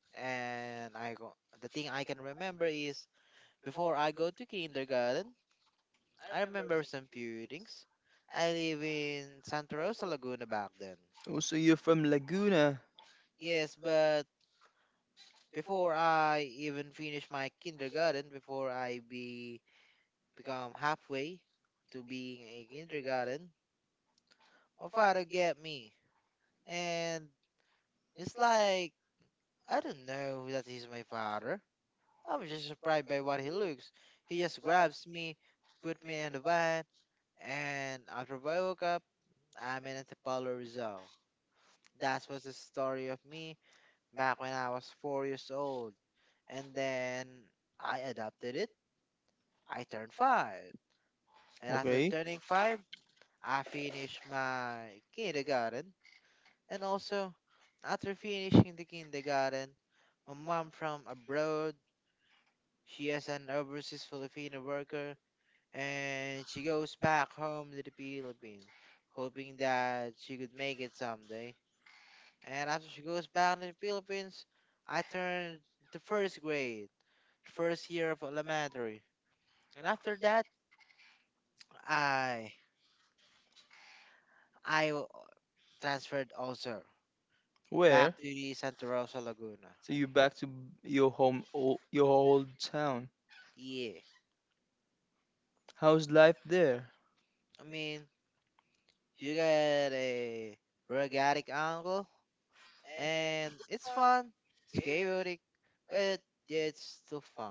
S1: and I go. The thing I can remember is before I go to kindergarten, I remember some few things. I live in Santa Rosa Laguna back then.
S2: Oh, so you're from Laguna.
S1: Yes, but before I even finish my kindergarten, before I be become halfway to being a kindergarten, my father get me. And it's like I don't know that he's my father. I'm just surprised by what he looks. He just grabs me, put me in the van, and after I woke up, I'm in Antipolo, Rizal. That was the story of me back when I was 4 years old. And then I adopted it. I turned five. And after
S2: Okay.
S1: turning five, I finished my kindergarten. And also, after finishing the kindergarten, my mom from abroad, she is an overseas Filipino worker, and she goes back home to the Philippines, hoping that she could make it someday. And after she goes back to the Philippines, I turned the first grade, the first year of elementary. And after that, I I w- transferred also back to
S2: Where?
S1: the Santa Rosa Laguna.
S2: So you're back to your home, your old town.
S1: Yeah.
S2: How's life there?
S1: I mean, you got a rugged angle, and it's fun. It's chaotic, but it's still fun.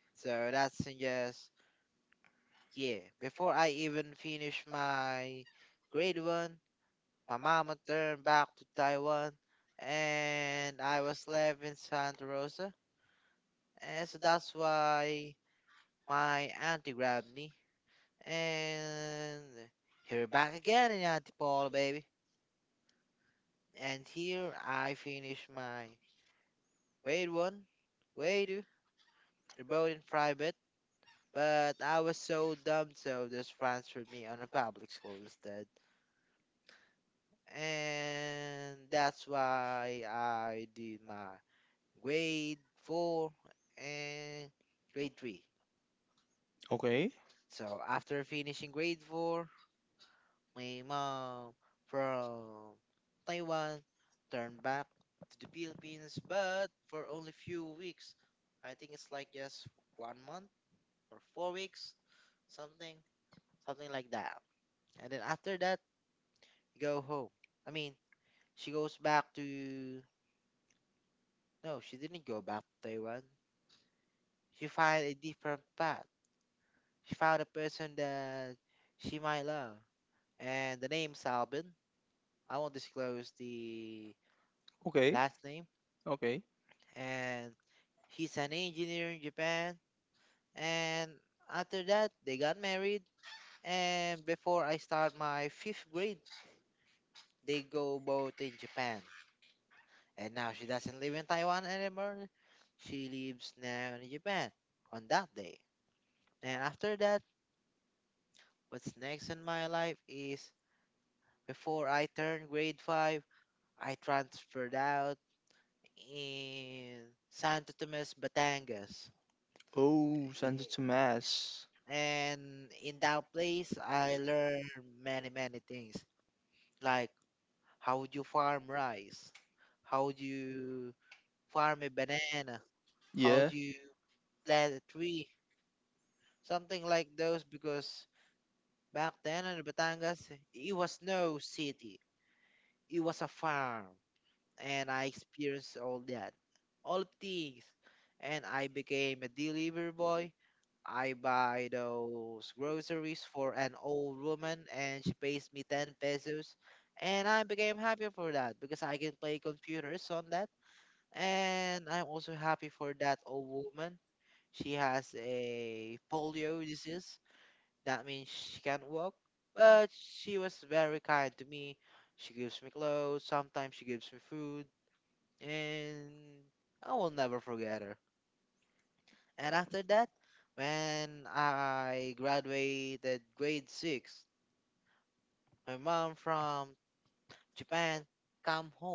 S1: So that's just, yeah. Before I even finish my grade one, my mama turned back to Taiwan, and I was left in Santa Rosa. And so that's why my auntie grabbed me and here back again in Antipolo, baby. And here I finish my grade one, grade two. They're both in private, but I was so dumb, so they just transferred me on a public school instead. And that's why I did my grade four and grade three.
S2: Okay.
S1: So after finishing grade four, my mom from Taiwan turned back to the Philippines, but for only few weeks. I think it's like just 1 month or 4 weeks, something, something like that. And then after that, go home. I mean, she goes back to. No, she didn't go back to Taiwan. She found a different path. She found a person that she might love. And the name's Albin. I won't disclose the
S2: Okay.
S1: last name.
S2: Okay.
S1: And he's an engineer in Japan. And after that, they got married. And before I start my fifth grade, they go both in Japan. And now she doesn't live in Taiwan anymore. She lives now in Japan on that day. And after that, what's next in my life is before I turned grade 5, I transferred out in Santo Tomas, Batangas.
S2: Oh, Santa Tomas.
S1: And in that place, I learned many, many things like how do you farm rice, how do you farm a banana, how do
S2: Yeah.
S1: you plant a tree, something like those. Because back then in Batangas, it was no city, it was a farm. And I experienced all that, all things, and I became a delivery boy. I buy those groceries for an old woman, and she pays me 10 pesos, and I became happy for that because I can play computers on that, and I'm also happy for that old woman. She has a polio disease, that means she can't walk, but she was very kind to me. She gives me clothes, sometimes she gives me food, and I will never forget her. And after that, when I graduated grade six, my mom from Japan come home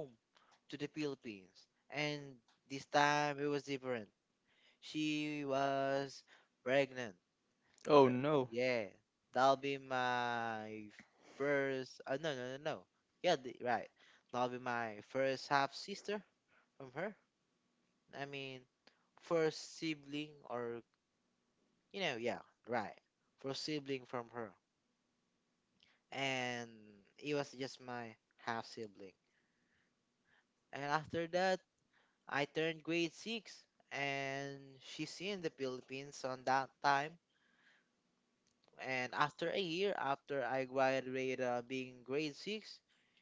S1: to the Philippines, and this time it was different. She was pregnant. Fir-
S2: Oh no.
S1: yeah, that'll be my first. No, no, no, no. Yeah, right. That'll be my first half sister from her. I mean, first sibling or yeah, right. For sibling from her. And it was just my half sibling. And after that, I turned grade 6 and she's in the Philippines on that time. And after a year after I graduated being grade 6,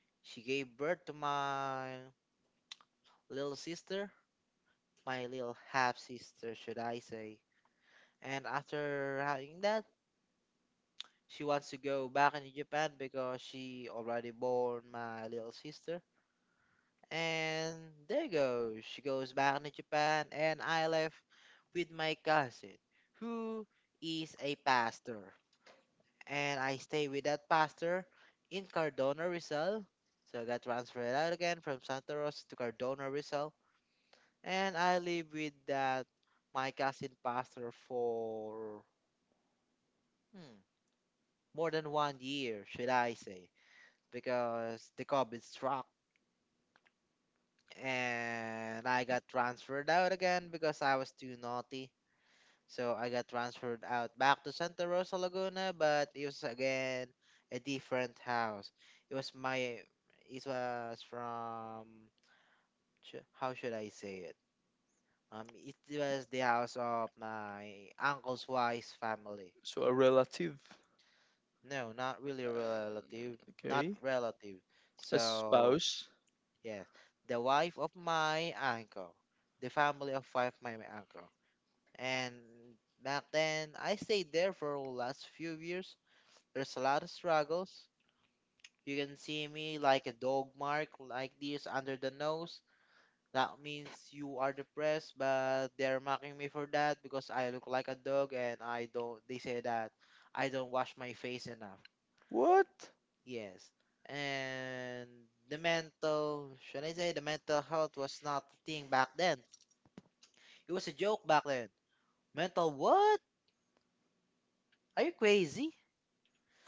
S1: she gave birth to my little sister, my little half sister, should I say. And after having that, she wants to go back in Japan because she already born my little sister. And there goes. She goes back to Japan, and I left with my cousin, who is a pastor. And I stay with that pastor in Cardona, Rizal. So I got transferred out again from Santa Rosa to Cardona, Rizal. And I live with that my cousin pastor for hmm, more than 1 year, should I say, because the COVID struck and I got transferred out again because I was too naughty. So I got transferred out back to Santa Rosa, Laguna, but it was again a different house. It was my it was from how should I say it? It was the house of my uncle's wife's family.
S2: So a relative.
S1: No, not really relative, not
S2: Okay.
S1: relative.
S2: A
S1: So
S2: spouse.
S1: yes, the wife of my uncle, the family of wife my uncle, and back then I stayed there for last few years. There's a lot of struggles. You can see me like a dog mark like this under the nose. That means you are depressed, but they're mocking me for that because I look like a dog and I don't they say that I don't wash my face enough.
S2: What?
S1: Yes. And the mental should I say the mental health was not a thing back then. It was a joke back then. Mental what? Are you crazy?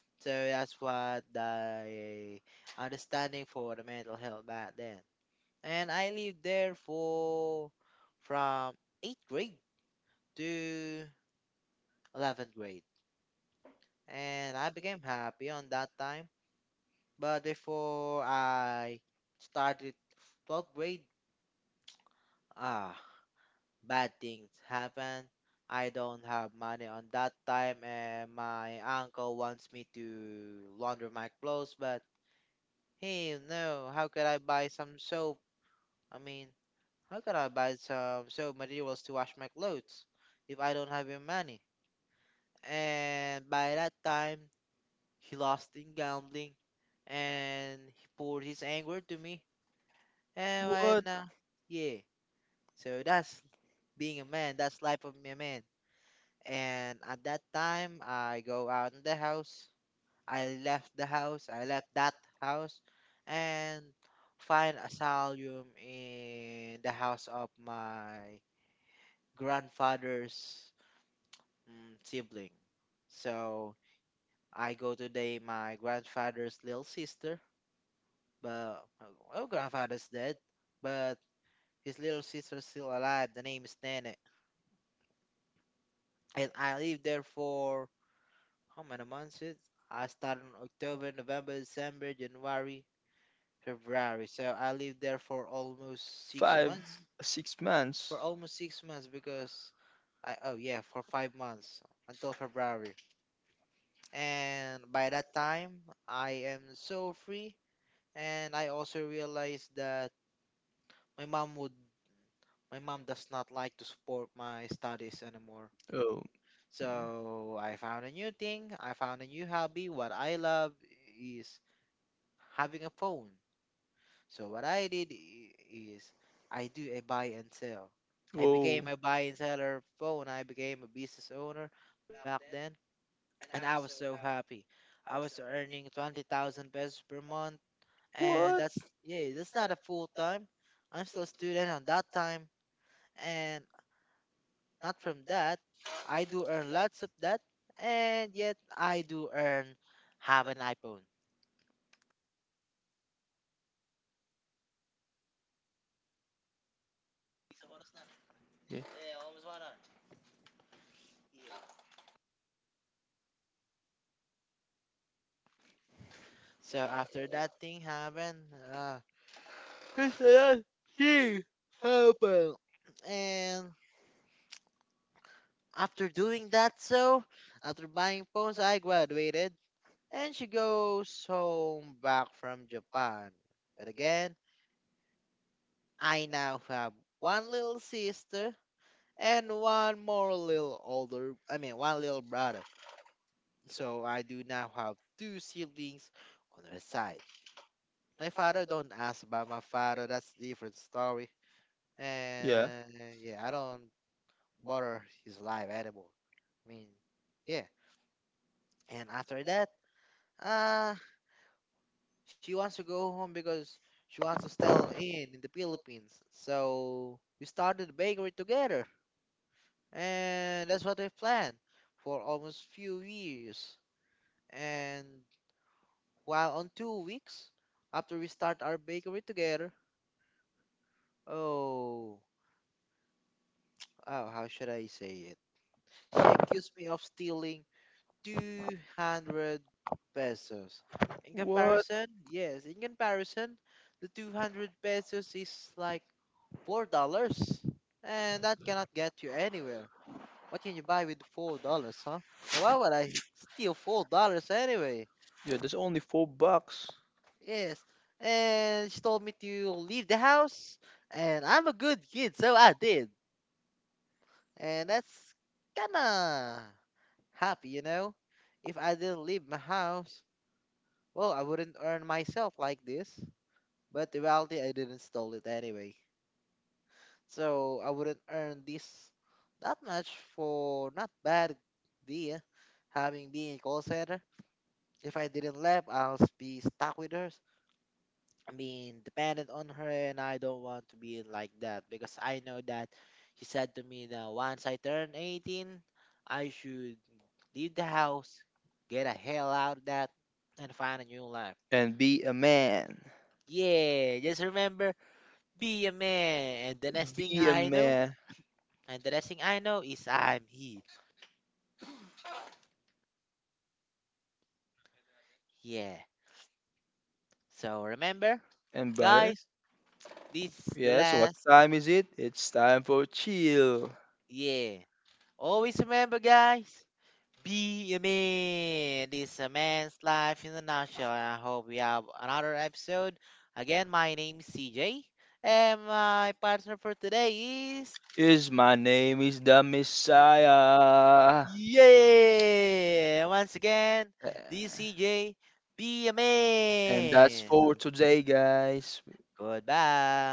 S1: So that's what the understanding for the mental health back then. And I lived there for from 8th grade to 11th grade, and I became happy on that time. But before I started 12th grade, ah, bad things happened. I don't have money on that time, and my uncle wants me to launder my clothes, but he no. How could I buy some soap? I mean, How can I buy some soap materials to wash my clothes if I don't have any money? And by that time, he lost in gambling and he poured his anger to me. And right
S2: What?
S1: now, yeah. So that's being a man. That's life of a man. And at that time, I go out in the house. I left the house. I left that house, and find asylum in the house of my grandfather's sibling. So I go to the my grandfather's little sister, but oh, grandfather's dead, but his little sister's still alive. The name is Nene, and I lived there for how many months? Is I started in October, November, December, January, February. So I lived there for almost six
S2: Five,
S1: months.
S2: six
S1: For
S2: months.
S1: almost 6 months because I oh yeah for 5 months until February. And by that time, I am so free. And I also realized that my mom would, my mom does not like to support my studies anymore.
S2: Oh.
S1: So I found a new thing. I found a new hobby. What I love is having a phone. So what I did I- is I do a buy and sell. I became a
S2: Oh.
S1: buy and seller phone. I became a business owner back then, and I was so happy. I was earning 20,000 pesos per month and that's
S2: What?
S1: yeah, that's not a full time. I'm still a student on that time, and not from that, I do earn lots of that, and yet I do earn have an iPhone. So after that thing happened, uh, this that thing happened, and after doing that, so after buying phones, I graduated, and she goes home back from Japan. But again, I now have one little sister and one little brother. So I do now have two siblings on her side. My father don't ask about my father. That's different story. And
S2: Yeah.
S1: yeah, I don't bother his life anymore. I mean, yeah. And after that, uh, she wants to go home because she wants to settle in the Philippines. So we started a bakery together, and that's what we planned for almost few years. And while on 2 weeks after we start our bakery together, oh, oh, how should I say it? She accused me of stealing 200 pesos. In
S2: What?
S1: comparison, yes, in comparison, the 200 pesos is like $4, and that cannot get you anywhere. What can you buy with $4, huh? And why would I steal $4 anyway?
S2: Yeah, that's only $4.
S1: Yes. And she told me to leave the house, and I'm a good kid, so I did. And that's kinda happy, you know? If I didn't leave my house, well, I wouldn't earn myself like this. But the reality, I didn't stole it anyway. So I wouldn't earn this that much for not bad idea having being a call center. If I didn't leave, I'll be stuck with her. I mean, dependent on her, and I don't want to be like that because I know that she said to me that once I turn 18, I should leave the house, get the hell out of that, and find a new life.
S2: And be a man.
S1: Yeah, just remember, be a man.
S2: Be a man
S1: And the next thing I know is I'm he. Yeah. So remember,
S2: and I,
S1: guys,
S2: brother.
S1: this is the
S2: Yes,
S1: last.
S2: what time is it? It's time for chill.
S1: Yeah. Always remember, guys. Be a man. This is a man's life in a nutshell. And I hope we have another episode. Again, my name is CJ, and my partner for today is
S2: Is my name is the Messiah.
S1: yeah. Once again,
S2: Uh,
S1: this is CJ. Be a
S2: And that's
S1: man.
S2: for today, guys.
S1: Goodbye.